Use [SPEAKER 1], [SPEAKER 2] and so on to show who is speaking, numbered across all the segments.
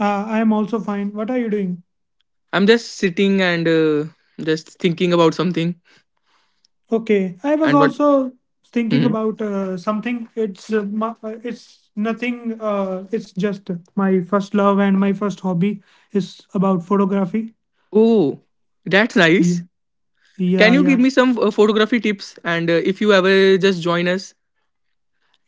[SPEAKER 1] I am also fine. What are you doing?
[SPEAKER 2] I'm just sitting and just thinking about something.
[SPEAKER 1] Okay, I was
[SPEAKER 2] And what?
[SPEAKER 1] also thinking
[SPEAKER 2] Mhm.
[SPEAKER 1] about something. It's nothing. It's just my first love and my first hobby is about photography.
[SPEAKER 2] Oh, that's nice.
[SPEAKER 1] Yeah,
[SPEAKER 2] Can
[SPEAKER 1] yeah,
[SPEAKER 2] you give
[SPEAKER 1] yeah.
[SPEAKER 2] me some photography tips? And if you ever just join us,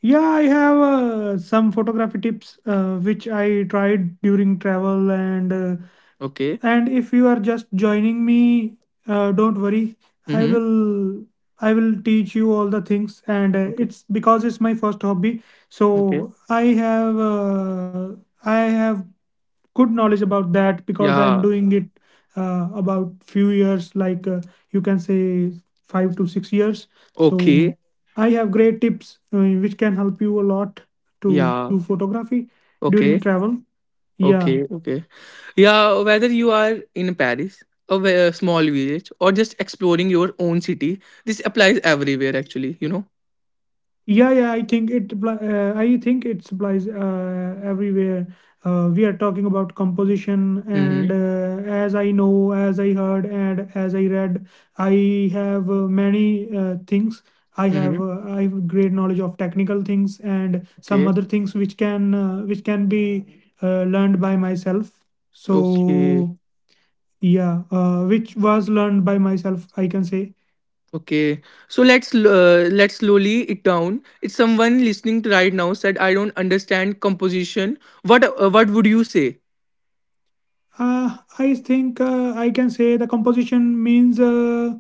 [SPEAKER 1] Yeah, I have some photography tips which I tried during travel
[SPEAKER 2] okay.
[SPEAKER 1] And if you are just joining me, don't worry. I
[SPEAKER 2] Mm-hmm.
[SPEAKER 1] will I will teach you all the things, and
[SPEAKER 2] Okay.
[SPEAKER 1] it's because it's my first hobby.
[SPEAKER 2] Okay.
[SPEAKER 1] So I have good knowledge about that because I'm
[SPEAKER 2] Yeah.
[SPEAKER 1] doing it about few years, like you can say 5 to 6 years. So
[SPEAKER 2] Okay.
[SPEAKER 1] I have great tips which can help you a lot to
[SPEAKER 2] Yeah.
[SPEAKER 1] do photography
[SPEAKER 2] Okay.
[SPEAKER 1] during travel. Yeah,
[SPEAKER 2] Okay. Okay. Yeah. Whether you are in Paris, a small village, or just exploring your own city, this applies everywhere. Actually,
[SPEAKER 1] yeah, yeah, I think it applies everywhere. We are talking about composition,
[SPEAKER 2] Mm-hmm.
[SPEAKER 1] and as I know, as I heard, and as I read, I have many things. I
[SPEAKER 2] Mm-hmm.
[SPEAKER 1] have uh, I have great knowledge of technical things and some
[SPEAKER 2] Okay.
[SPEAKER 1] other things which can be learned by myself.
[SPEAKER 2] Okay.
[SPEAKER 1] So yeah, which was learned by myself, I can say.
[SPEAKER 2] Okay, so let's slowly it down. It's someone listening to right now said, "I don't understand composition," what would you say?
[SPEAKER 1] I think I can say the composition means uh,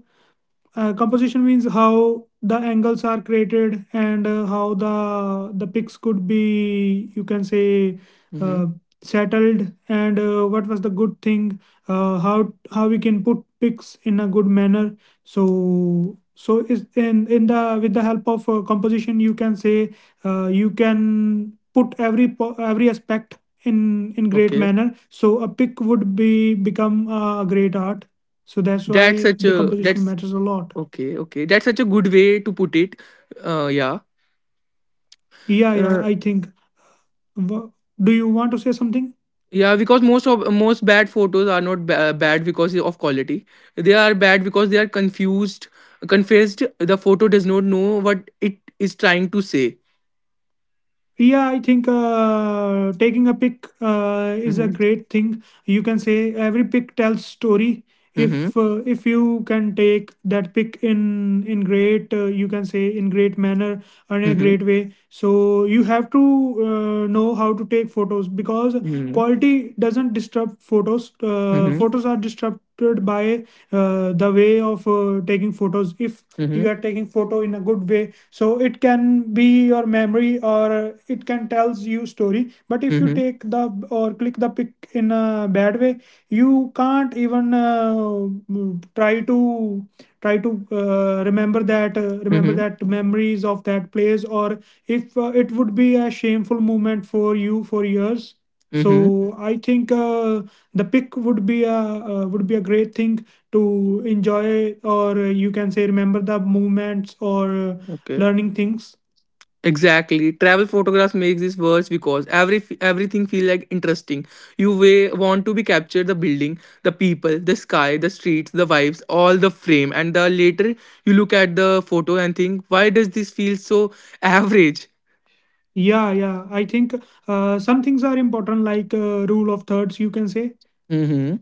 [SPEAKER 1] uh, composition means how the angles are created, and how the pics could be, you can say,
[SPEAKER 2] Mm-hmm.
[SPEAKER 1] uh, settled, and what was the good thing, how we can put pics in a good manner, so is in the, with the help of composition, you can say, you can put every aspect in great
[SPEAKER 2] Okay,
[SPEAKER 1] manner, so a pic would be become a great art, so that's
[SPEAKER 2] that's
[SPEAKER 1] why
[SPEAKER 2] such
[SPEAKER 1] the
[SPEAKER 2] a
[SPEAKER 1] composition
[SPEAKER 2] that's
[SPEAKER 1] matters a lot.
[SPEAKER 2] okay, okay, that's such a good way to put it. Yeah,
[SPEAKER 1] Yeah, yeah,
[SPEAKER 2] uh,
[SPEAKER 1] I think. W- Do you want to say something?
[SPEAKER 2] yeah, because most bad photos are not ba- bad because of quality. They are bad because they are confused, confessed. The photo does not know what it is trying to say.
[SPEAKER 1] Yeah, I think taking a pic is a
[SPEAKER 2] Mm-hmm.
[SPEAKER 1] great thing. You can say every pic tells story.
[SPEAKER 2] Mm-hmm.
[SPEAKER 1] If you can take that pic in great, you can say, in great manner or in a
[SPEAKER 2] Mm-hmm.
[SPEAKER 1] great way. So you have to know how to take photos because quality doesn't disrupt photos.
[SPEAKER 2] Mm-hmm.
[SPEAKER 1] Photos are disrupted by the way of taking photos. If you
[SPEAKER 2] Mm-hmm.
[SPEAKER 1] are taking photo in a good way, so it can be your memory or it can tells you story. But if you
[SPEAKER 2] Mhm.
[SPEAKER 1] take the, or click the pic in a bad way, you can't even try to try to remember that uh, remember
[SPEAKER 2] Mhm.
[SPEAKER 1] that memories of that place, or if it would be a shameful moment for you for years. So
[SPEAKER 2] Mhm.
[SPEAKER 1] I think the pic would be a would be a great thing to enjoy, or you can say remember the movements, or
[SPEAKER 2] Okay.
[SPEAKER 1] learning things.
[SPEAKER 2] Exactly. Travel photographs makes this worse because everything feel like interesting. Want to be capture the building, the people, the sky, the streets, the vibes, all the frame, and the later you look at the photo and think, why does this feel so average?
[SPEAKER 1] Yeah, yeah, I think some things are important, like rule of thirds, you can say.
[SPEAKER 2] Mm-hmm.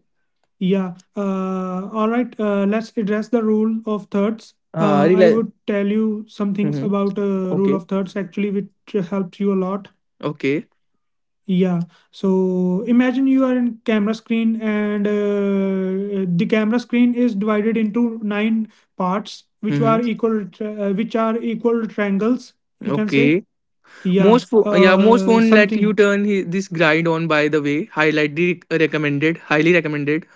[SPEAKER 1] Yeah, all right, let's address the rule of thirds. I
[SPEAKER 2] Realize.
[SPEAKER 1] would tell you some things
[SPEAKER 2] Mm-hmm.
[SPEAKER 1] about rule
[SPEAKER 2] Okay.
[SPEAKER 1] of thirds actually, which helps you a lot.
[SPEAKER 2] Okay.
[SPEAKER 1] Yeah. So imagine you are in camera screen, and the camera screen is divided into nine parts which
[SPEAKER 2] Mm-hmm.
[SPEAKER 1] are equal uh, which are equal triangles, you can say.
[SPEAKER 2] Okay.
[SPEAKER 1] Yeah.
[SPEAKER 2] Yeah, most phone let you
[SPEAKER 1] Something.
[SPEAKER 2] this grind on. By the way, highlight the recommended, highly recommended.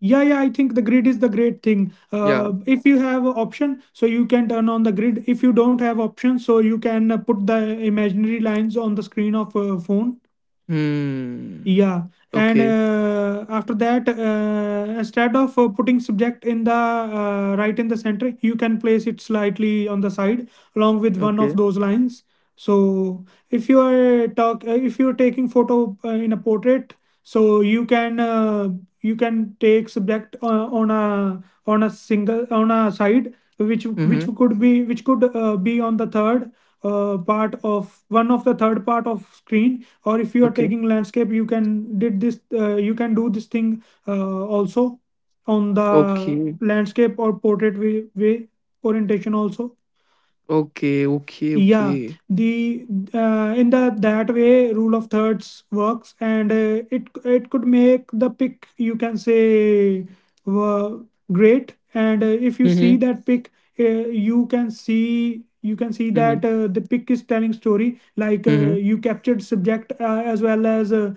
[SPEAKER 1] Yeah, yeah, I think the grid is the great thing.
[SPEAKER 2] Yeah.
[SPEAKER 1] If you have a option, so you can turn on the grid. If you don't have option, so you can put the imaginary lines on the screen of phone.
[SPEAKER 2] Hmm.
[SPEAKER 1] Yeah, and
[SPEAKER 2] Okay,
[SPEAKER 1] uh, after that, instead of putting subject in the right in the center, you can place it slightly on the side along with
[SPEAKER 2] okay.
[SPEAKER 1] one of those lines. So if you are taking photo in a portrait, so you can take subject on a single on a side, which
[SPEAKER 2] Mhm.
[SPEAKER 1] which could be, which could be on the third part of one of the third part of screen. Or if you
[SPEAKER 2] Okay.
[SPEAKER 1] are taking landscape, you can did this, you can do this thing also on
[SPEAKER 2] Okay.
[SPEAKER 1] the landscape or portrait way orientation also.
[SPEAKER 2] Okay, okay,
[SPEAKER 1] Yeah,
[SPEAKER 2] okay.
[SPEAKER 1] the in the that way rule of thirds works, and it could make the pick, you can say, uh, great. And if you
[SPEAKER 2] Mhm.
[SPEAKER 1] see that pick, you can see
[SPEAKER 2] Mhm.
[SPEAKER 1] that the pick is telling story. Like
[SPEAKER 2] Mhm.
[SPEAKER 1] you captured subject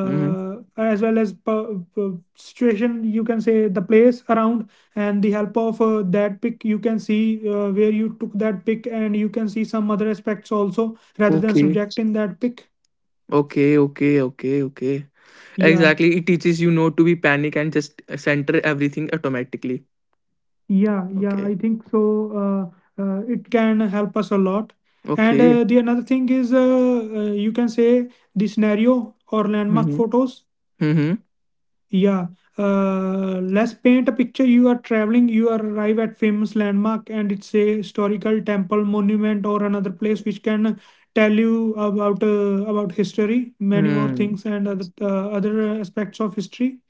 [SPEAKER 2] Mhm.
[SPEAKER 1] as well as situation. You can say the place around, and the help of that pic, you can see where you took that pic, and you can see some other aspects also rather than
[SPEAKER 2] Okay.
[SPEAKER 1] subjecting that pic.
[SPEAKER 2] Okay, okay, okay, okay.
[SPEAKER 1] Yeah,
[SPEAKER 2] Exactly. It teaches you not to be panic and just center everything automatically.
[SPEAKER 1] yeah, yeah, I
[SPEAKER 2] Okay.
[SPEAKER 1] think so. It can help us a lot. And
[SPEAKER 2] Okay.
[SPEAKER 1] the another thing is you can say, the scenario or landmark
[SPEAKER 2] Mhm.
[SPEAKER 1] photos.
[SPEAKER 2] Mhm.
[SPEAKER 1] Yeah. Let's paint a picture. You are traveling, you arrive at famous landmark and it's a historical temple, monument or another place which can tell you about history, many more
[SPEAKER 2] Hmm.
[SPEAKER 1] things and other aspects of history.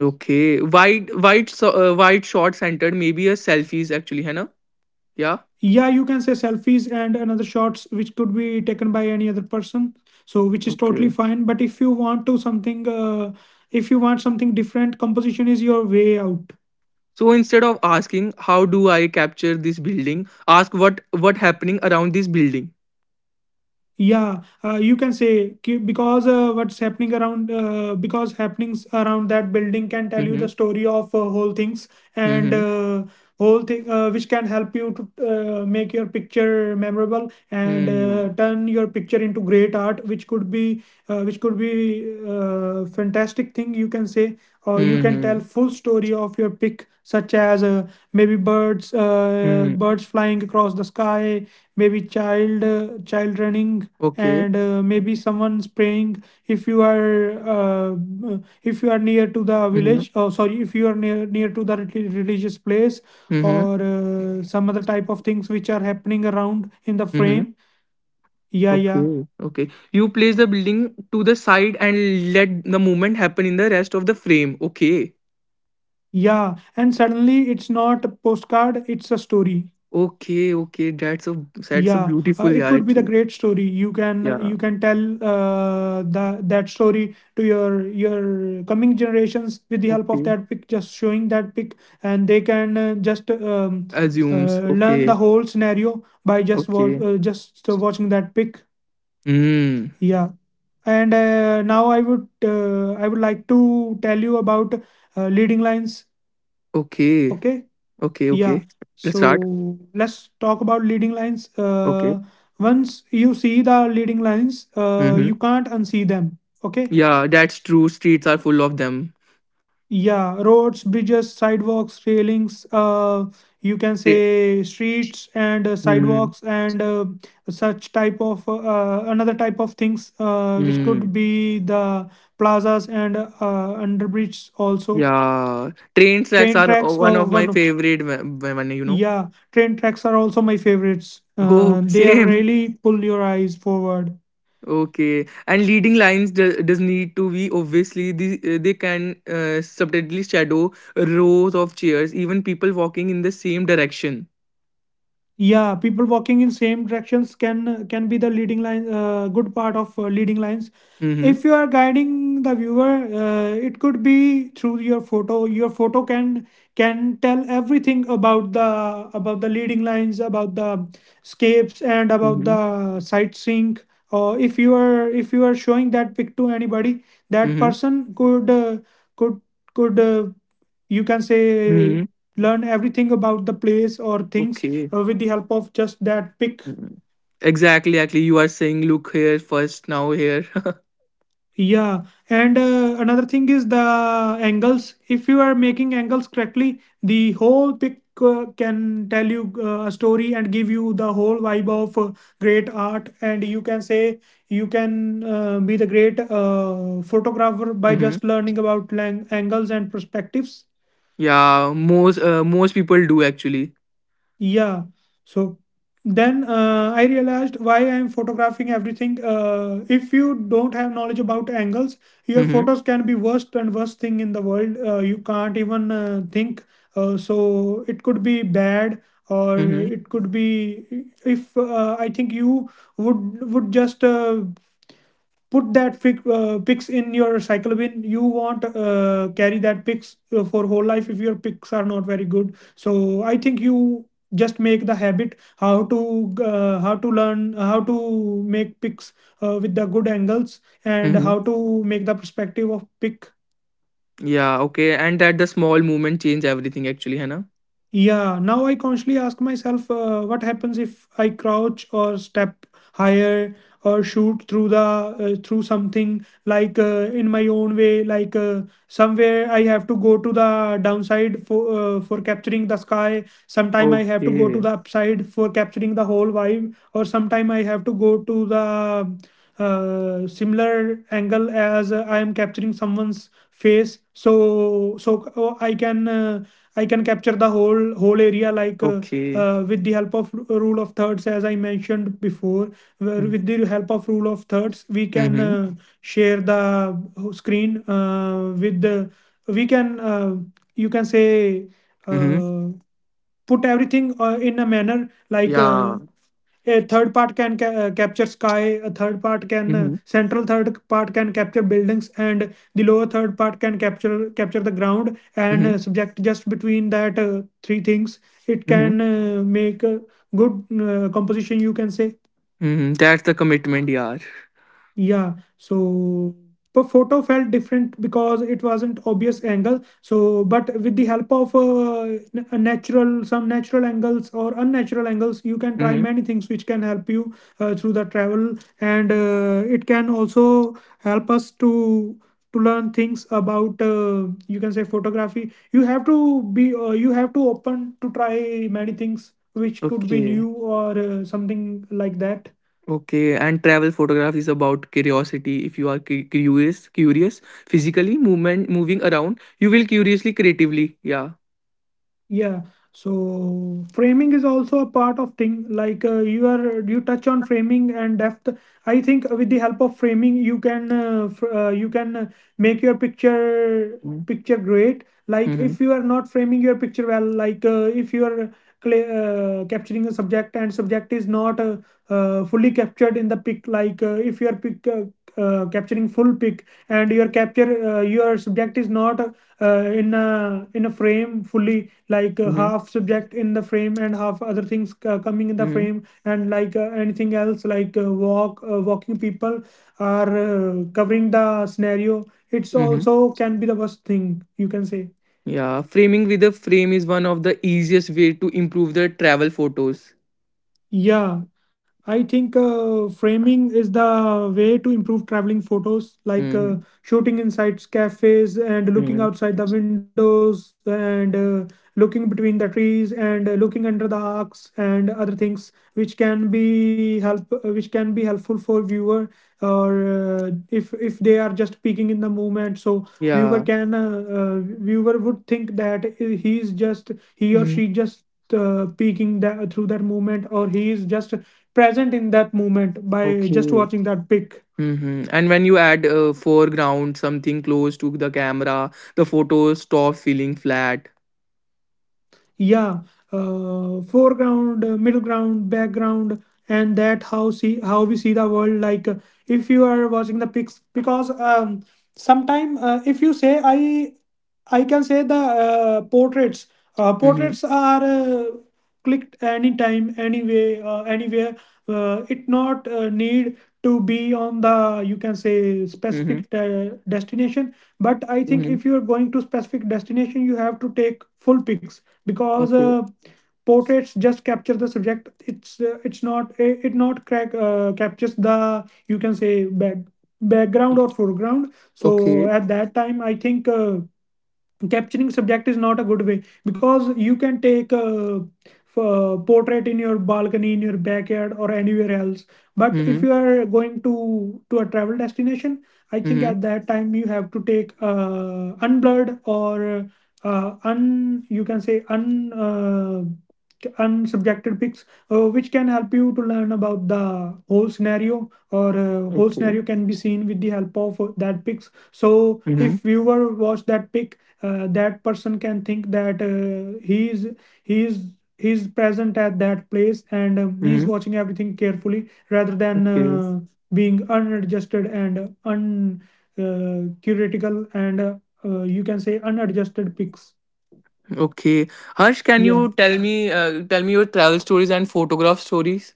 [SPEAKER 2] Okay. Wide short centered maybe a selfies actually, है ना? Yeah.
[SPEAKER 1] Yeah, you can say selfies and another shots which could be taken by any other person. So which is totally
[SPEAKER 2] Okay.
[SPEAKER 1] fine, but if you want to something if you want something different, composition is your way out.
[SPEAKER 2] So instead of asking, how do I capture this building? Ask, what happening around this building?
[SPEAKER 1] Yeah, you can say because what's happening around, because happenings around that building can tell you
[SPEAKER 2] Mm-hmm.
[SPEAKER 1] the story of whole things, and
[SPEAKER 2] Mm-hmm.
[SPEAKER 1] uh, whole thing, which can help you to make your picture memorable, and
[SPEAKER 2] Mm-hmm.
[SPEAKER 1] uh, turn your picture into great art which could be fantastic thing, you can say. Or you can tell
[SPEAKER 2] Mm-hmm.
[SPEAKER 1] full story of your pic, such as maybe birds uh,
[SPEAKER 2] Mm-hmm.
[SPEAKER 1] birds flying across the sky, maybe child running,
[SPEAKER 2] Okay.
[SPEAKER 1] and maybe someone's praying, if you are near to the
[SPEAKER 2] Mm-hmm.
[SPEAKER 1] village, oh sorry, if you are near to the religious place,
[SPEAKER 2] Mm-hmm.
[SPEAKER 1] or some other type of things which are happening around in the
[SPEAKER 2] Mm-hmm.
[SPEAKER 1] frame. Yeah, yeah,
[SPEAKER 2] Okay, okay, you place the building to the side and let the movement happen in the rest of the frame. Okay.
[SPEAKER 1] yeah, and suddenly it's not a postcard, it's a story.
[SPEAKER 2] Okay, okay, that's a
[SPEAKER 1] Yeah,
[SPEAKER 2] beautiful,
[SPEAKER 1] it
[SPEAKER 2] yeah,
[SPEAKER 1] could be the
[SPEAKER 2] actually.
[SPEAKER 1] great story you can
[SPEAKER 2] Yeah.
[SPEAKER 1] you can tell that story to your coming generations with the help of
[SPEAKER 2] Okay.
[SPEAKER 1] that pic, just showing that pic. And they can uh, just um,
[SPEAKER 2] Assumes
[SPEAKER 1] uh, learn
[SPEAKER 2] okay.
[SPEAKER 1] the whole scenario by just wa-
[SPEAKER 2] Okay.
[SPEAKER 1] uh, just watching that pic.
[SPEAKER 2] Mm.
[SPEAKER 1] Yeah, and now I would like to tell you about leading lines.
[SPEAKER 2] Okay,
[SPEAKER 1] Okay.
[SPEAKER 2] okay,
[SPEAKER 1] Yeah,
[SPEAKER 2] okay. Let's start.
[SPEAKER 1] so let's talk about leading lines.
[SPEAKER 2] Okay.
[SPEAKER 1] Once you see the leading lines, you
[SPEAKER 2] Mhm.
[SPEAKER 1] can't unsee them. Okay.
[SPEAKER 2] Yeah, that's true. Streets are full of them.
[SPEAKER 1] Yeah, roads, bridges, sidewalks, railings, you can
[SPEAKER 2] Tra-
[SPEAKER 1] say streets and
[SPEAKER 2] Mm.
[SPEAKER 1] sidewalks and such type of another type of things which
[SPEAKER 2] Mm.
[SPEAKER 1] could be the plazas and underbridges also.
[SPEAKER 2] Yeah. Train tracks
[SPEAKER 1] Train
[SPEAKER 2] are
[SPEAKER 1] tracks
[SPEAKER 2] one of
[SPEAKER 1] or
[SPEAKER 2] my
[SPEAKER 1] one.
[SPEAKER 2] favorite, one, you know.
[SPEAKER 1] Yeah, train tracks are also my favorites.
[SPEAKER 2] Oh,
[SPEAKER 1] They are
[SPEAKER 2] same.
[SPEAKER 1] really pull your eyes forward.
[SPEAKER 2] Okay. And leading lines does need to be obviously they can subtly shadow rows of chairs, even people walking in the same direction.
[SPEAKER 1] Yeah, people walking in same directions can be the leading line, good part of leading lines.
[SPEAKER 2] Mm-hmm.
[SPEAKER 1] If you are guiding the viewer, it could be through your photo. Your photo can tell everything about the, about the leading lines, about the scapes and about
[SPEAKER 2] Mm-hmm.
[SPEAKER 1] the sightseeing, or if you are showing that pic to anybody, that
[SPEAKER 2] Mm-hmm.
[SPEAKER 1] person could, could could uh, you can say,
[SPEAKER 2] Mm-hmm.
[SPEAKER 1] learn everything about the place or things
[SPEAKER 2] Okay.
[SPEAKER 1] with the help of just that pick.
[SPEAKER 2] Mhm. Exactly, exactly. You are saying, look here first, now here.
[SPEAKER 1] Yeah, and another thing is the angles. If you are making angles correctly, the whole pic can tell you a story and give you the whole vibe of great art, and you can say you can be the great photographer by
[SPEAKER 2] Mm-hmm.
[SPEAKER 1] just learning about angles and perspectives.
[SPEAKER 2] Yeah, most people do actually.
[SPEAKER 1] Yeah. So then I realized why I'm photographing everything. If you don't have knowledge about angles, your
[SPEAKER 2] Mm-hmm.
[SPEAKER 1] photos can be worst and worst thing in the world. You can't even think. So it could be bad, or
[SPEAKER 2] Mm-hmm.
[SPEAKER 1] it could be if I think you would just put that picks in your cyclobin. You won't carry that picks for whole life if your picks are not very good. So I think you just make the habit how to learn how to make picks with the good angles and
[SPEAKER 2] Mm-hmm.
[SPEAKER 1] how to make the perspective of pick.
[SPEAKER 2] Yeah, okay. And that the small movement change everything actually, है ना?
[SPEAKER 1] Yeah, now I consciously ask myself what happens if I crouch or step higher or shoot through the through something like in my own way. Somewhere I have to go to the downside for capturing the sky. Sometime I have to go to
[SPEAKER 2] Okay.
[SPEAKER 1] the upside for capturing the whole vibe, or sometime I have to go to the similar angle as I am capturing someone's face. So I can capture the whole area
[SPEAKER 2] Okay.
[SPEAKER 1] with the help of rule of thirds, as I mentioned before, where
[SPEAKER 2] Mm-hmm.
[SPEAKER 1] with the help of rule of thirds we can share the screen with the we can you can say
[SPEAKER 2] Mm-hmm.
[SPEAKER 1] uh, put everything in a manner.
[SPEAKER 2] Yeah.
[SPEAKER 1] A third part can capture sky, a third part can
[SPEAKER 2] Mm-hmm.
[SPEAKER 1] central third part can capture buildings, and the lower third part can capture the ground, and
[SPEAKER 2] Mm-hmm.
[SPEAKER 1] subject just between that three things. It
[SPEAKER 2] Mm-hmm.
[SPEAKER 1] can make a good composition, you can say.
[SPEAKER 2] Mm-hmm. That's the commitment, yeah.
[SPEAKER 1] Yeah, so the photo felt different because it wasn't obvious angle. So, but with the help of a natural, some natural angles or unnatural angles, you can try
[SPEAKER 2] Mm-hmm.
[SPEAKER 1] many things which can help you through the travel, and it can also help us to learn things about you can say photography. You have to be you have to open to try many things which could be
[SPEAKER 2] Okay.
[SPEAKER 1] new or something like that.
[SPEAKER 2] Okay. And travel photography is about curiosity. If you are curious, curious, physically movement, moving around, you will curiously, creatively. Yeah.
[SPEAKER 1] Yeah, so framing is also a part of thing, like you are you touch on framing and depth. I think with the help of framing you can you can make your picture
[SPEAKER 2] Mm-hmm.
[SPEAKER 1] picture great. Like if you are not framing your picture well, like if you are cla- capturing a subject and subject is not fully captured in the pic, like if you are pic capturing full pic and your capture your subject is not in a frame fully, like
[SPEAKER 2] Mm-hmm.
[SPEAKER 1] half subject in the frame and half other things coming in the
[SPEAKER 2] Mm-hmm.
[SPEAKER 1] frame, and like anything else, like walking people are covering the scenario. It's
[SPEAKER 2] Mm-hmm.
[SPEAKER 1] also can be the worst thing, you can say.
[SPEAKER 2] Yeah, framing with a frame is one of the easiest way to improve the travel photos.
[SPEAKER 1] Yeah, I think framing is the way to improve traveling photos, like
[SPEAKER 2] Hmm.
[SPEAKER 1] shooting inside cafes and looking
[SPEAKER 2] Hmm.
[SPEAKER 1] outside the windows, and looking between the trees, and looking under the arcs and other things, which can be which can be helpful for viewer, or if they are just peeking in the moment, so viewer
[SPEAKER 2] Yeah.
[SPEAKER 1] can viewer would think that he is just he or
[SPEAKER 2] Mm.
[SPEAKER 1] she just peeking that through that movement, or he is just present in that moment by just
[SPEAKER 2] Okay.
[SPEAKER 1] watching that pic.
[SPEAKER 2] Hmm. And when you add a foreground, something close to the camera, the photos stop feeling flat.
[SPEAKER 1] Yeah, foreground, middle ground, background, and that how see how we see the world. Like if you are watching the pics, because sometime if you say I can say the portraits.
[SPEAKER 2] Hmm.
[SPEAKER 1] Portraits are clicked anytime, anyway, anywhere. It not need to be on the, you can say,
[SPEAKER 2] Hmm.
[SPEAKER 1] specific destination. But I
[SPEAKER 2] Hmm.
[SPEAKER 1] think if you're going to specific destination, you have to take full pics, because
[SPEAKER 2] Okay.
[SPEAKER 1] portraits just capture the subject. It's it's not it not crack captures the, you can say, background or foreground. So
[SPEAKER 2] Okay.
[SPEAKER 1] at that time I think capturing subject is not a good way, because you can take a, portrait in your balcony, in your backyard, or anywhere else. But if
[SPEAKER 2] Mm-hmm.
[SPEAKER 1] you are going to a travel destination, I think
[SPEAKER 2] Mm-hmm.
[SPEAKER 1] at that time you have to take unblurred, or un, you can say un, unsubjected pics, which can help you to learn about the whole scenario, or whole
[SPEAKER 2] Okay.
[SPEAKER 1] scenario can be seen with the help of that pics. So
[SPEAKER 2] Mm-hmm.
[SPEAKER 1] if viewer watch that pic, that person can think that he is he's present at that place, and he's
[SPEAKER 2] Mm-hmm.
[SPEAKER 1] watching everything carefully rather than
[SPEAKER 2] Okay.
[SPEAKER 1] being unadjusted and un curatical and, you can say, unadjusted pics.
[SPEAKER 2] Okay. Harsh, can
[SPEAKER 1] Yeah.
[SPEAKER 2] you tell me your travel stories and photograph stories?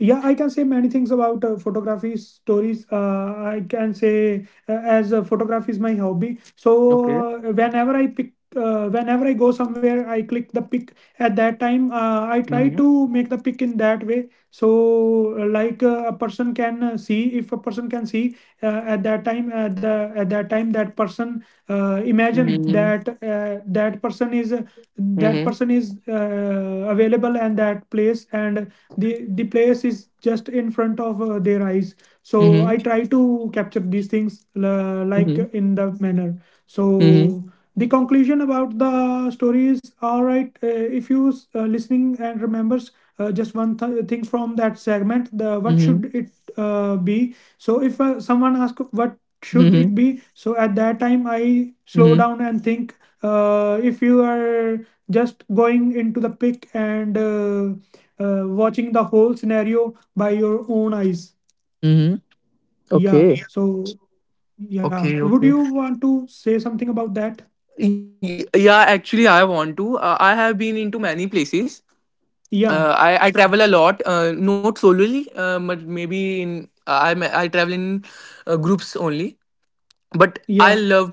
[SPEAKER 1] Yeah, I can say many things about photography stories. I can say as photography is my hobby, so
[SPEAKER 2] Okay.
[SPEAKER 1] whenever I pick, whenever I go somewhere I click the pic. At that time I try
[SPEAKER 2] Mm-hmm.
[SPEAKER 1] to make the pic in that way, so a person can see, if a person can see at that time that person imagine that
[SPEAKER 2] Mm-hmm.
[SPEAKER 1] that person is available and that place, and the place is just in front of their eyes.
[SPEAKER 2] Mhm.
[SPEAKER 1] So I try to capture these things like
[SPEAKER 2] Mhm.
[SPEAKER 1] in the manner.
[SPEAKER 2] Mhm.
[SPEAKER 1] So the conclusion about the story is all right, if you listening and remembers just one thing from that segment, the what
[SPEAKER 2] Mhm.
[SPEAKER 1] should it be. So if someone asks what should
[SPEAKER 2] Mhm.
[SPEAKER 1] it be, so at that time I slow
[SPEAKER 2] Mhm.
[SPEAKER 1] down and think. If you are just going into the pic, and watching the whole scenario by your own eyes.
[SPEAKER 2] Mhm.
[SPEAKER 1] Yeah,
[SPEAKER 2] Okay.
[SPEAKER 1] so yeah, would you
[SPEAKER 2] Okay.
[SPEAKER 1] want
[SPEAKER 2] Okay.
[SPEAKER 1] to say something about that?
[SPEAKER 2] Yeah. Actually, I want to. I have been into many places.
[SPEAKER 1] Yeah,
[SPEAKER 2] I travel a lot. Not solely, but maybe in I I travel in groups only. But I
[SPEAKER 1] yeah,
[SPEAKER 2] to Yeah.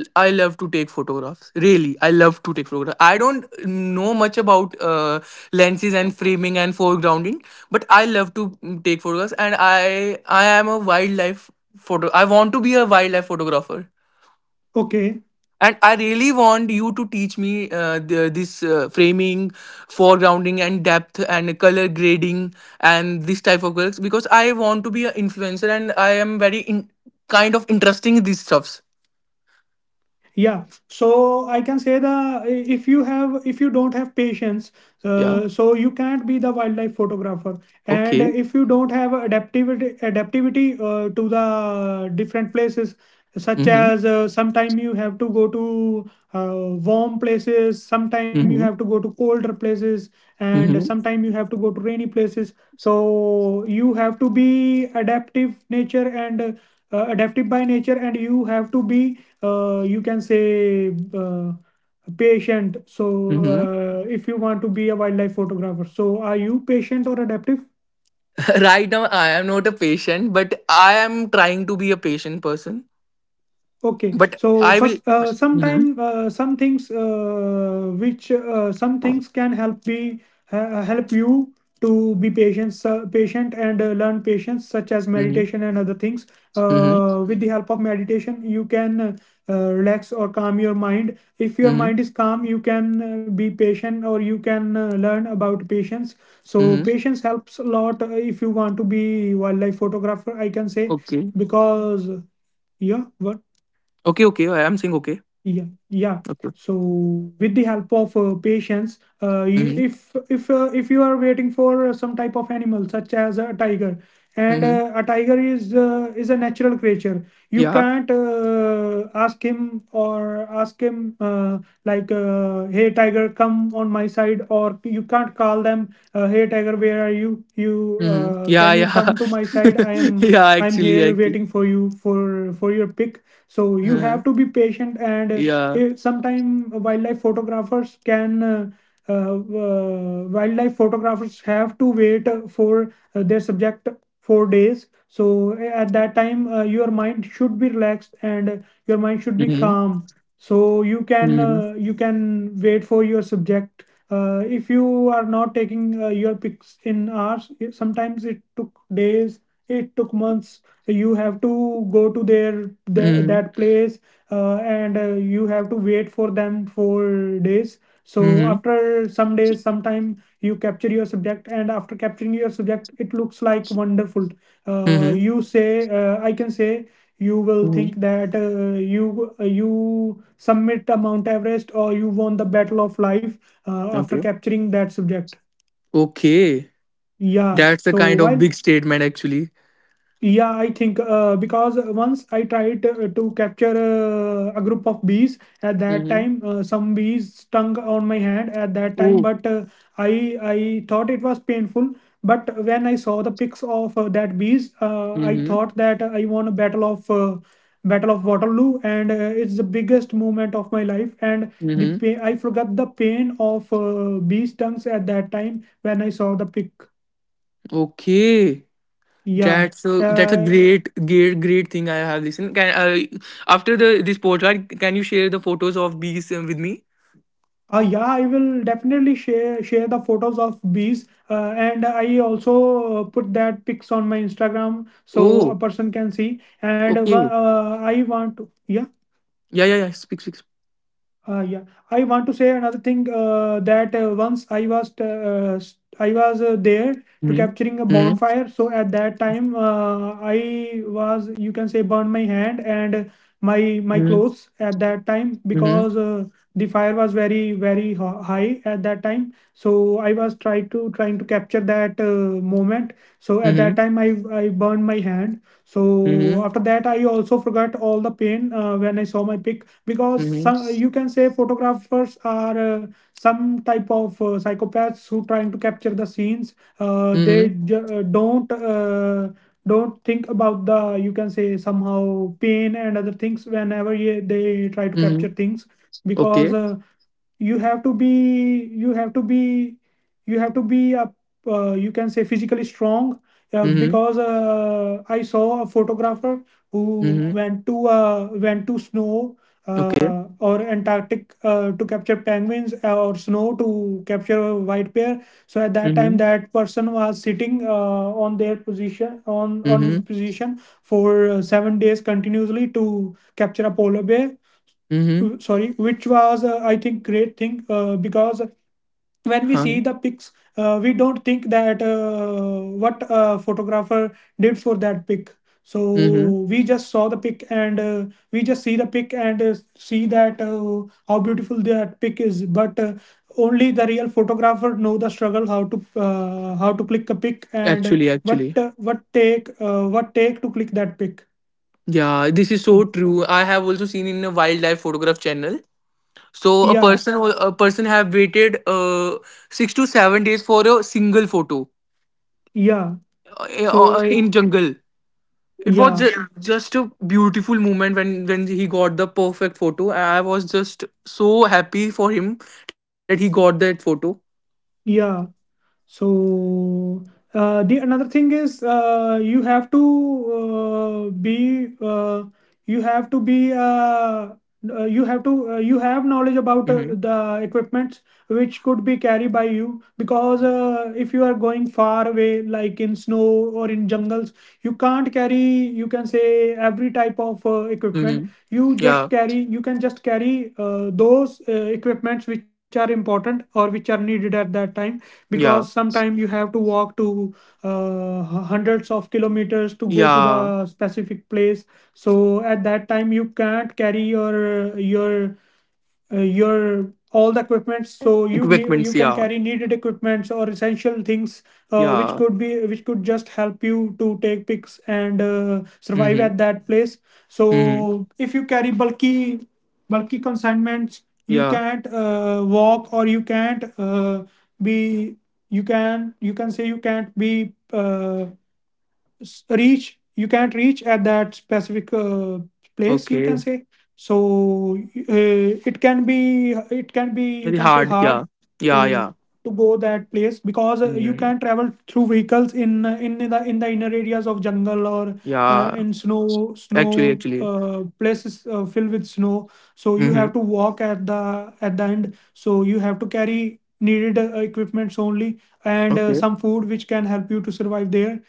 [SPEAKER 2] I love to take photographs, really. I love to take photographs. I don't know much about lenses and framing and foregrounding, but I love to take photographs, and I am a wildlife photo I want to be a wildlife photographer,
[SPEAKER 1] okay,
[SPEAKER 2] and I really want you to teach me this framing, foregrounding and depth and color grading, and this type of works, because I want to be an influencer, and I am very kind of interesting in these stuffs.
[SPEAKER 1] yeah, so I can say the, if you have if you don't have patience,
[SPEAKER 2] Yeah.
[SPEAKER 1] So you can't be the wildlife photographer. And
[SPEAKER 2] Okay.
[SPEAKER 1] if you don't have adaptivity to the different places, such
[SPEAKER 2] Mhm.
[SPEAKER 1] as sometime you have to go to warm places, sometime you have
[SPEAKER 2] Mhm.
[SPEAKER 1] to go to colder places, and
[SPEAKER 2] Mhm.
[SPEAKER 1] sometime you have to go to rainy places. So you have to be adaptive nature, and adaptive by nature, and you have to be you can say, patient. So
[SPEAKER 2] Mhm.
[SPEAKER 1] if you want to be a wildlife photographer, so are you patient or adaptive?
[SPEAKER 2] Right now I am not a patient, but I am trying to be a patient person.
[SPEAKER 1] Okay,
[SPEAKER 2] But
[SPEAKER 1] so
[SPEAKER 2] I will.
[SPEAKER 1] first,
[SPEAKER 2] Mhm.
[SPEAKER 1] some things which some things can help be help you to be patient, patient, and learn patience, such as
[SPEAKER 2] Mhm.
[SPEAKER 1] meditation and other things.
[SPEAKER 2] Mhm.
[SPEAKER 1] With the help of meditation, you can relax or calm your mind. If your
[SPEAKER 2] Mhm.
[SPEAKER 1] mind is calm, you can be patient, or you can learn about patience. So
[SPEAKER 2] Mhm.
[SPEAKER 1] patience helps a lot if you want to be wildlife photographer, I can say,
[SPEAKER 2] Okay.
[SPEAKER 1] because yeah. What?
[SPEAKER 2] Okay, okay, I am saying okay.
[SPEAKER 1] Yeah, yeah.
[SPEAKER 2] Okay.
[SPEAKER 1] So with the help of patients,
[SPEAKER 2] Mhm.
[SPEAKER 1] if you are waiting for some type of animal, such as a tiger, and
[SPEAKER 2] Mhm.
[SPEAKER 1] a tiger is a natural creature. You
[SPEAKER 2] Yeah.
[SPEAKER 1] can't ask him like hey tiger, come on my side. Or you can't call them hey tiger, where are you?
[SPEAKER 2] Mhm. Yeah,
[SPEAKER 1] Can you
[SPEAKER 2] yeah.
[SPEAKER 1] come to my side? I am
[SPEAKER 2] Yeah,
[SPEAKER 1] I'm here
[SPEAKER 2] actually.
[SPEAKER 1] waiting for you for your pick. So you
[SPEAKER 2] Uh-huh.
[SPEAKER 1] have to be patient, and
[SPEAKER 2] Yeah.
[SPEAKER 1] sometime wildlife photographers can uh, wildlife photographers have to wait for their subject 4 days. So at that time your mind should be relaxed and your mind should be
[SPEAKER 2] Mhm.
[SPEAKER 1] calm, so
[SPEAKER 2] Mhm.
[SPEAKER 1] you can wait for your subject. If you are not taking your pics in hours, sometimes it took days, it took months. You have to go to their
[SPEAKER 2] Mhm.
[SPEAKER 1] that place, and you have to wait for them for days. So
[SPEAKER 2] Mhm.
[SPEAKER 1] after some days, sometime you capture your subject, and after capturing your subject it looks like wonderful. uh,
[SPEAKER 2] Mhm.
[SPEAKER 1] you say uh, I can say, you will
[SPEAKER 2] Mhm.
[SPEAKER 1] think that you submit a Mount Everest, or you won the battle of life after
[SPEAKER 2] Okay.
[SPEAKER 1] capturing that subject.
[SPEAKER 2] Okay.
[SPEAKER 1] Yeah,
[SPEAKER 2] That's a
[SPEAKER 1] so
[SPEAKER 2] kind of
[SPEAKER 1] while.
[SPEAKER 2] big statement actually.
[SPEAKER 1] Yeah, I think because once I tried to capture a group of bees. At that
[SPEAKER 2] Mm-hmm.
[SPEAKER 1] time, some bees stung on my hand at that time,
[SPEAKER 2] Oh.
[SPEAKER 1] but uh, I thought it was painful. But when I saw the pics of that bees, I
[SPEAKER 2] Mm-hmm.
[SPEAKER 1] thought that I won a battle of Waterloo, and it's the biggest moment of my life. And the
[SPEAKER 2] Mm-hmm.
[SPEAKER 1] pain, I forgot the pain of bee stings at that time when I saw the pic.
[SPEAKER 2] Okay.
[SPEAKER 1] Yeah.
[SPEAKER 2] That's a
[SPEAKER 1] Uh,
[SPEAKER 2] great great thing I have listened. Can After the this podcast, can you share the photos of bees with me?
[SPEAKER 1] Yeah, I will definitely share the photos of bees, and I also put that pics on my Instagram, so
[SPEAKER 2] Oh,
[SPEAKER 1] a person can see. And
[SPEAKER 2] okay.
[SPEAKER 1] I want to, yeah.
[SPEAKER 2] Yeah, yeah, yeah. Speak, speak.
[SPEAKER 1] Yeah, I want to say another thing that once I was there to
[SPEAKER 2] Mhm.
[SPEAKER 1] capturing a
[SPEAKER 2] Mhm.
[SPEAKER 1] bonfire. So at that time, I was, you can say, burned my hand and my
[SPEAKER 2] Mhm.
[SPEAKER 1] clothes at that time,
[SPEAKER 2] Mhm.
[SPEAKER 1] because the fire was very very high at that time. So I was trying to capture that moment. So at that
[SPEAKER 2] Mhm.
[SPEAKER 1] time, I burned my hand. So
[SPEAKER 2] Mhm.
[SPEAKER 1] after that, I also forgot all the pain when I saw my pic, because
[SPEAKER 2] Mhm.
[SPEAKER 1] some, you can say, photographers are some type of psychopaths who trying to capture the scenes.
[SPEAKER 2] Mhm.
[SPEAKER 1] They don't think about the, you can say, somehow pain and other things whenever they try to capture
[SPEAKER 2] Mhm.
[SPEAKER 1] things, because
[SPEAKER 2] Okay.
[SPEAKER 1] you have to be you have to be you have to be a you can say physically strong,
[SPEAKER 2] Mhm.
[SPEAKER 1] because I saw a photographer who
[SPEAKER 2] Mhm.
[SPEAKER 1] went to snow
[SPEAKER 2] Okay.
[SPEAKER 1] or Antarctic, to capture penguins, or snow to capture a white bear. So at that time,
[SPEAKER 2] Mhm.
[SPEAKER 1] that person was sitting on their position, on his
[SPEAKER 2] Mhm.
[SPEAKER 1] position, for 7 days continuously to capture a polar bear,
[SPEAKER 2] Mhm.
[SPEAKER 1] sorry, which was I think great thing, because when we see
[SPEAKER 2] Huh.
[SPEAKER 1] the pics, we don't think that what a photographer did for that pic. So
[SPEAKER 2] Mhm.
[SPEAKER 1] we just saw the pic and uh, we just see the pic and see that how beautiful that pic is. But only the real photographer know the struggle, how to click a pic, and
[SPEAKER 2] Actually, actually.
[SPEAKER 1] what take to click that pic.
[SPEAKER 2] Yeah, this is
[SPEAKER 1] Oh,
[SPEAKER 2] so true. I have also seen in a wildlife photograph channel. So a
[SPEAKER 1] yeah,
[SPEAKER 2] person, have waited 6 to 7 days for a single photo,
[SPEAKER 1] yeah, so it,
[SPEAKER 2] in jungle.
[SPEAKER 1] yeah.
[SPEAKER 2] Just a beautiful moment when he got the perfect photo. I was just so happy for him that he got that photo.
[SPEAKER 1] Yeah. So the another thing is you have to be you have to be you have to you have knowledge about
[SPEAKER 2] Mm-hmm.
[SPEAKER 1] the equipments which could be carried by you, because if you are going far away, like in snow or in jungles, you can't carry, you can say, every type of equipment.
[SPEAKER 2] Mm-hmm.
[SPEAKER 1] you just
[SPEAKER 2] Yeah,
[SPEAKER 1] carry you can just carry those equipments which are important, or which are needed at that time, because
[SPEAKER 2] yeah,
[SPEAKER 1] sometime you have to walk to hundreds of kilometers to go to
[SPEAKER 2] yeah.
[SPEAKER 1] the specific place. So at that time, you can't carry your all the equipment. So you
[SPEAKER 2] Equipments,
[SPEAKER 1] need, you
[SPEAKER 2] yeah.
[SPEAKER 1] can carry, needed equipments or essential things,
[SPEAKER 2] Yeah.
[SPEAKER 1] which could just help you to take pics and survive
[SPEAKER 2] Mm-hmm.
[SPEAKER 1] at that place.
[SPEAKER 2] Mm-hmm.
[SPEAKER 1] So if you carry bulky consignments, you
[SPEAKER 2] Yeah.
[SPEAKER 1] can't walk, or you can't be you can say you can't be s- reach you can't reach at that specific place, you can
[SPEAKER 2] Okay.
[SPEAKER 1] say. So uh, it can be it can be, you
[SPEAKER 2] Very
[SPEAKER 1] can say,
[SPEAKER 2] hard,
[SPEAKER 1] hard
[SPEAKER 2] yeah. Yeah.
[SPEAKER 1] to
[SPEAKER 2] Yeah.
[SPEAKER 1] go that place, because you
[SPEAKER 2] Mm-hmm.
[SPEAKER 1] can travel through vehicles in the inner areas of jungle, or
[SPEAKER 2] Yeah.
[SPEAKER 1] in snow
[SPEAKER 2] Actually,
[SPEAKER 1] snow
[SPEAKER 2] actually.
[SPEAKER 1] places filled with snow. So you
[SPEAKER 2] Mm-hmm.
[SPEAKER 1] have to walk at the, at the end. So you have to carry needed equipments only, and
[SPEAKER 2] Okay.
[SPEAKER 1] some food which can help you to survive there.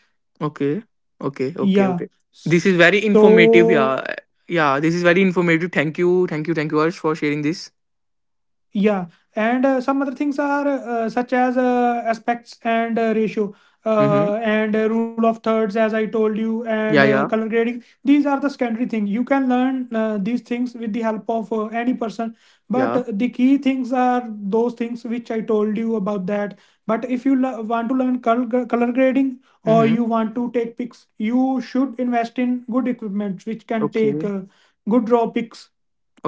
[SPEAKER 2] Okay, okay, okay.
[SPEAKER 1] Yeah.
[SPEAKER 2] Okay. This is very informative,
[SPEAKER 1] So,
[SPEAKER 2] yeah. Yeah, this is very informative. Thank you, thank you, thank you, Arsh, for sharing this.
[SPEAKER 1] yeah. And some other things are such as aspects and ratio,
[SPEAKER 2] Mm-hmm.
[SPEAKER 1] and rule of thirds, as I told you, and
[SPEAKER 2] Yeah, yeah, yeah.
[SPEAKER 1] color grading. These are the secondary thing. You can learn these things with the help of any person. But
[SPEAKER 2] Ja.
[SPEAKER 1] the key things are those things which I told you about that. But if you want to learn color grading, or
[SPEAKER 2] Mhm.
[SPEAKER 1] you want to take pics, you should invest in good equipment which can take
[SPEAKER 2] Okay,
[SPEAKER 1] good raw pics.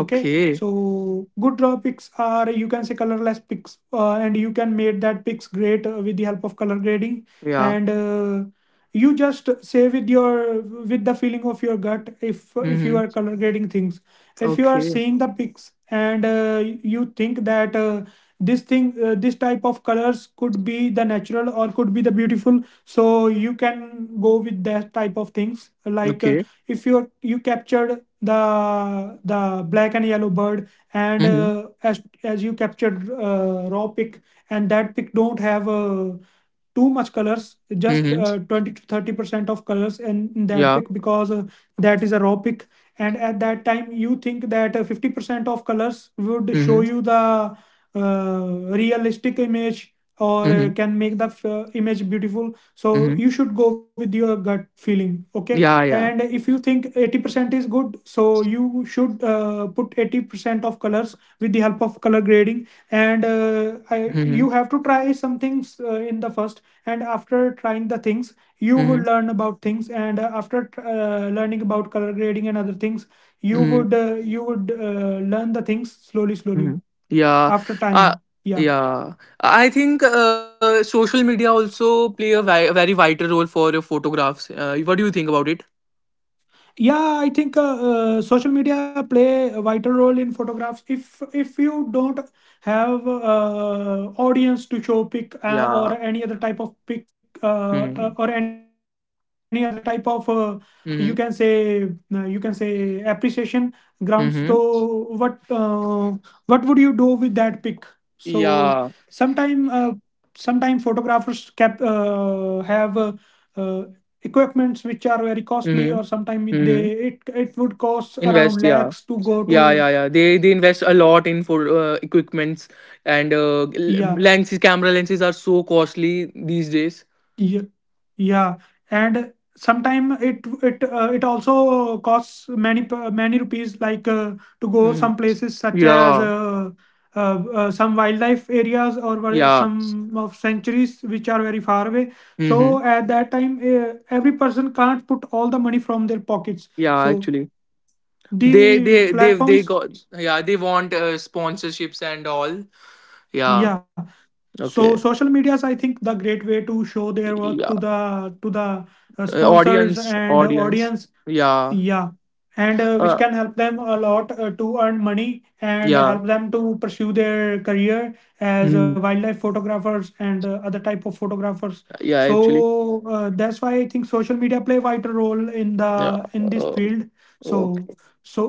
[SPEAKER 1] Okay, so good draw picks are, you can say, colorless picks, and you can make that picks great with the help of color grading.
[SPEAKER 2] Yeah. Ja.
[SPEAKER 1] And you just say with your, with the feeling of your gut, if you
[SPEAKER 2] Mhm.
[SPEAKER 1] are color grading things. If you are
[SPEAKER 2] Okay,
[SPEAKER 1] seeing the pics and you think that this thing, this type of colors could be the natural, or could be the beautiful, so you can go with that type of things. Like
[SPEAKER 2] okay.
[SPEAKER 1] if you are, you captured the black and yellow bird, and
[SPEAKER 2] Mhm,
[SPEAKER 1] as you captured raw pick, and that pick don't have too much colors, just
[SPEAKER 2] mhm.
[SPEAKER 1] 20 to 30 percent of colors in that
[SPEAKER 2] Ja.
[SPEAKER 1] pick, because that is a raw pick. And at that time, you think that 50 percent of colors would show
[SPEAKER 2] Mhm,
[SPEAKER 1] you the realistic image, or
[SPEAKER 2] mhm,
[SPEAKER 1] can make the image beautiful. So
[SPEAKER 2] mhm.
[SPEAKER 1] you should go with your gut feeling. Okay,
[SPEAKER 2] Ja,
[SPEAKER 1] and
[SPEAKER 2] ja.
[SPEAKER 1] if you think 80% is good, so you should put 80% of colors with the help of color grading. And
[SPEAKER 2] Mhm,
[SPEAKER 1] you have to try some things in the first, and after trying the things, you would
[SPEAKER 2] mhm,
[SPEAKER 1] learn about things. And after learning about color grading and other things,
[SPEAKER 2] mhm,
[SPEAKER 1] you would learn the things slowly slowly
[SPEAKER 2] mhm. Yeah.
[SPEAKER 1] after
[SPEAKER 2] Uh,
[SPEAKER 1] time. Yeah.
[SPEAKER 2] yeah. I think social media also play a very vital role for your photographs. What do you think about it?
[SPEAKER 1] Yeah, I think social media play a vital role in photographs. If you don't have audience to show pic,
[SPEAKER 2] Yeah.
[SPEAKER 1] or any other type of pic,
[SPEAKER 2] Mhm,
[SPEAKER 1] or any other type of you can say,
[SPEAKER 2] mhm,
[SPEAKER 1] you can say appreciation grounds, so
[SPEAKER 2] mhm.
[SPEAKER 1] what would you do with that pic? So
[SPEAKER 2] Yeah.
[SPEAKER 1] sometime uh, sometime photographers cap have uh, equipments which are very costly, or
[SPEAKER 2] Mhm,
[SPEAKER 1] sometimes they,
[SPEAKER 2] mhm.
[SPEAKER 1] it it would cost around
[SPEAKER 2] Invest, yeah.
[SPEAKER 1] lakhs to go
[SPEAKER 2] Yeah,
[SPEAKER 1] to.
[SPEAKER 2] yeah, yeah. They invest a lot in for equipments and
[SPEAKER 1] Yeah,
[SPEAKER 2] lenses. Camera lenses are so costly these days.
[SPEAKER 1] yeah, yeah. And sometimes it it also costs many many rupees, like to go
[SPEAKER 2] Hmm.
[SPEAKER 1] some places, such as
[SPEAKER 2] Yeah,
[SPEAKER 1] some wildlife areas, or where
[SPEAKER 2] yeah,
[SPEAKER 1] some of sanctuaries which are very far away.
[SPEAKER 2] hmm,
[SPEAKER 1] So at that time, every person can't put all the money from their pockets.
[SPEAKER 2] yeah.
[SPEAKER 1] So
[SPEAKER 2] Actually,
[SPEAKER 1] the
[SPEAKER 2] they
[SPEAKER 1] platforms,
[SPEAKER 2] got yeah. They want sponsorships and all. Yeah.
[SPEAKER 1] yeah. So
[SPEAKER 2] Okay.
[SPEAKER 1] social media is, I think, the great way to show their work
[SPEAKER 2] Yeah.
[SPEAKER 1] to the, to the sponsors
[SPEAKER 2] Audience,
[SPEAKER 1] and
[SPEAKER 2] audience.
[SPEAKER 1] audience.
[SPEAKER 2] Yeah.
[SPEAKER 1] Yeah, and which
[SPEAKER 2] Uh,
[SPEAKER 1] can help them a lot to earn money, and
[SPEAKER 2] yeah.
[SPEAKER 1] help them to pursue their career as
[SPEAKER 2] Mm.
[SPEAKER 1] wildlife photographers and other type of photographers.
[SPEAKER 2] Yeah.
[SPEAKER 1] So
[SPEAKER 2] Actually.
[SPEAKER 1] that's why I think social media play vital role in the,
[SPEAKER 2] Yeah.
[SPEAKER 1] in this field. So
[SPEAKER 2] Okay.
[SPEAKER 1] so,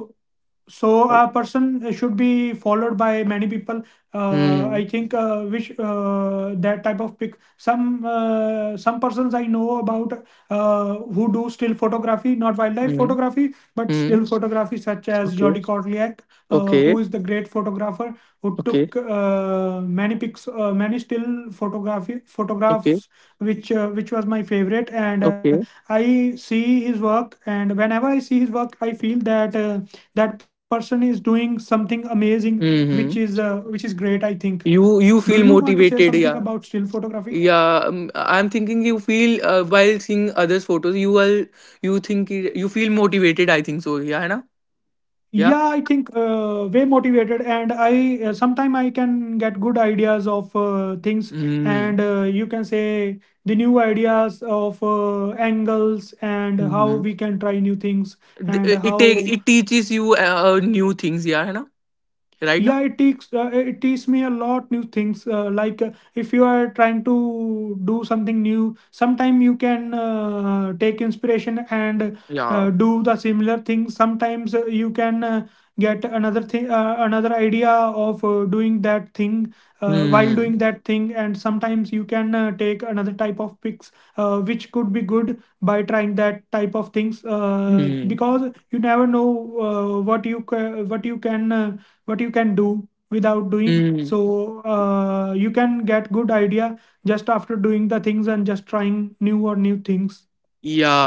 [SPEAKER 1] so a
[SPEAKER 2] Okay.
[SPEAKER 1] person should be followed by many people.
[SPEAKER 2] Mm.
[SPEAKER 1] I think which that type of pic. Some persons I know about who do still photography, not wildlife
[SPEAKER 2] Mm.
[SPEAKER 1] photography, but
[SPEAKER 2] Mm.
[SPEAKER 1] still photography, such as
[SPEAKER 2] Okay.
[SPEAKER 1] Jordi Korliak, who
[SPEAKER 2] Okay.
[SPEAKER 1] is the great photographer, who
[SPEAKER 2] Okay.
[SPEAKER 1] took many pics, many still photography
[SPEAKER 2] Okay.
[SPEAKER 1] photographs, which was my favorite. And.
[SPEAKER 2] Okay.
[SPEAKER 1] I see his work, and whenever I see his work, I feel that that person is doing something amazing,
[SPEAKER 2] Mm-hmm.
[SPEAKER 1] which is great, I think.
[SPEAKER 2] You
[SPEAKER 1] Do you
[SPEAKER 2] feel
[SPEAKER 1] want to say
[SPEAKER 2] motivated,
[SPEAKER 1] something
[SPEAKER 2] yeah.
[SPEAKER 1] about still photography?
[SPEAKER 2] Yeah, I'm thinking you feel while seeing others' photos, you are you think you feel motivated. I think so. Yeah, है ना? Yeah.
[SPEAKER 1] Yeah, I think way motivated, and I, sometime I can get good ideas of things,
[SPEAKER 2] Mm.
[SPEAKER 1] and you can say the new ideas of angles, and how
[SPEAKER 2] Mm-hmm.
[SPEAKER 1] we can try new things, and
[SPEAKER 2] It take,
[SPEAKER 1] how.
[SPEAKER 2] it teaches you new things. Yeah, है ना? Right
[SPEAKER 1] Yeah,
[SPEAKER 2] now.
[SPEAKER 1] it takes it teaches me a lot new things, like if you are trying to do something new, sometime you can take inspiration and
[SPEAKER 2] Yeah.
[SPEAKER 1] do the similar thing. Sometimes you can get another thing, another idea of doing that thing,
[SPEAKER 2] Mm.
[SPEAKER 1] while doing that thing. And sometimes you can take another type of pics, which could be good, by trying that type of things,
[SPEAKER 2] Mm.
[SPEAKER 1] because you never know uh, what you ca- what you can uh, what you can do without doing.
[SPEAKER 2] Mm.
[SPEAKER 1] So you can get good idea just after doing the things, and just trying new or new things.
[SPEAKER 2] Yeah.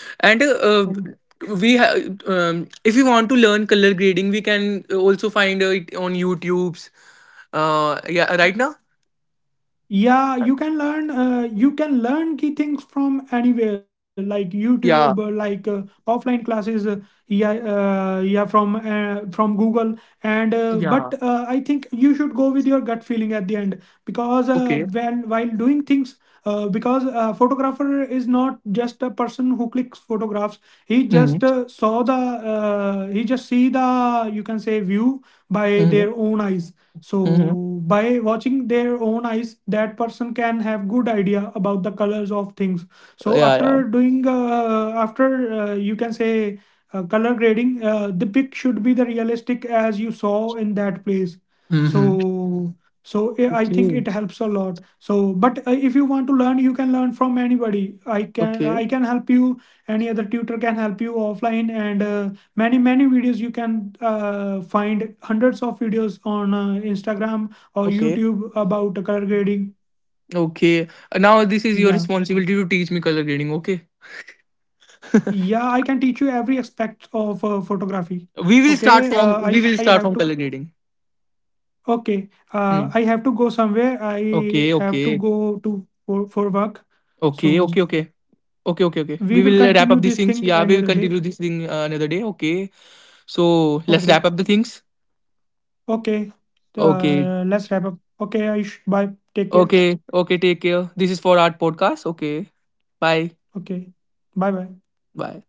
[SPEAKER 2] And
[SPEAKER 1] Mm.
[SPEAKER 2] we ha- um, if you want to learn color grading, we can also find it on YouTube's. Yeah, right now.
[SPEAKER 1] Yeah, you can learn key things from anywhere, like
[SPEAKER 2] Yeah,
[SPEAKER 1] YouTube, offline classes, yeah, from Google, and
[SPEAKER 2] yeah,
[SPEAKER 1] but I think you should go with your gut feeling at the end, because
[SPEAKER 2] okay.
[SPEAKER 1] when while doing things, because a photographer is not just a person who clicks photographs. he
[SPEAKER 2] Mhm,
[SPEAKER 1] just uh, saw the uh, he just see the, you can say, view by
[SPEAKER 2] mhm,
[SPEAKER 1] their own eyes.
[SPEAKER 2] mhm.
[SPEAKER 1] So by watching their own eyes, that person can have good idea about the colors of things. So
[SPEAKER 2] Yeah, yeah.
[SPEAKER 1] after doing, after you can say color grading, the pic should be the realistic as you saw in that place.
[SPEAKER 2] Mhm.
[SPEAKER 1] So I think it
[SPEAKER 2] Okay,
[SPEAKER 1] helps a lot. So but if you want to learn, you can learn from anybody.
[SPEAKER 2] okay,
[SPEAKER 1] I can help you, any other tutor can help you offline. And many videos you can find, hundreds of videos on Instagram or
[SPEAKER 2] okay,
[SPEAKER 1] YouTube about color grading.
[SPEAKER 2] okay. Now this is your
[SPEAKER 1] Yeah.
[SPEAKER 2] responsibility to teach me color grading. Okay.
[SPEAKER 1] Yeah, I can teach you every aspect of photography. Okay. Aish
[SPEAKER 2] We
[SPEAKER 1] I
[SPEAKER 2] will
[SPEAKER 1] have
[SPEAKER 2] start
[SPEAKER 1] to
[SPEAKER 2] from color grading.
[SPEAKER 1] Okay,
[SPEAKER 2] Mm.
[SPEAKER 1] I have to go somewhere. I
[SPEAKER 2] Okay,
[SPEAKER 1] have to
[SPEAKER 2] okay,
[SPEAKER 1] go to, for work.
[SPEAKER 2] okay, okay,
[SPEAKER 1] So
[SPEAKER 2] okay. Okay, okay, okay. We
[SPEAKER 1] we will
[SPEAKER 2] will wrap
[SPEAKER 1] continue
[SPEAKER 2] up these
[SPEAKER 1] this
[SPEAKER 2] things.
[SPEAKER 1] thing
[SPEAKER 2] Yeah,
[SPEAKER 1] any
[SPEAKER 2] we will
[SPEAKER 1] other day.
[SPEAKER 2] continue this thing another day. Okay. So let's wrap
[SPEAKER 1] Okay,
[SPEAKER 2] up the things.
[SPEAKER 1] okay.
[SPEAKER 2] Okay.
[SPEAKER 1] Let's wrap up. Okay, Aish, bye. Take care.
[SPEAKER 2] Okay. Okay. Take care. This is for art podcast. Okay. Bye.
[SPEAKER 1] Okay, bye bye.
[SPEAKER 2] Bye.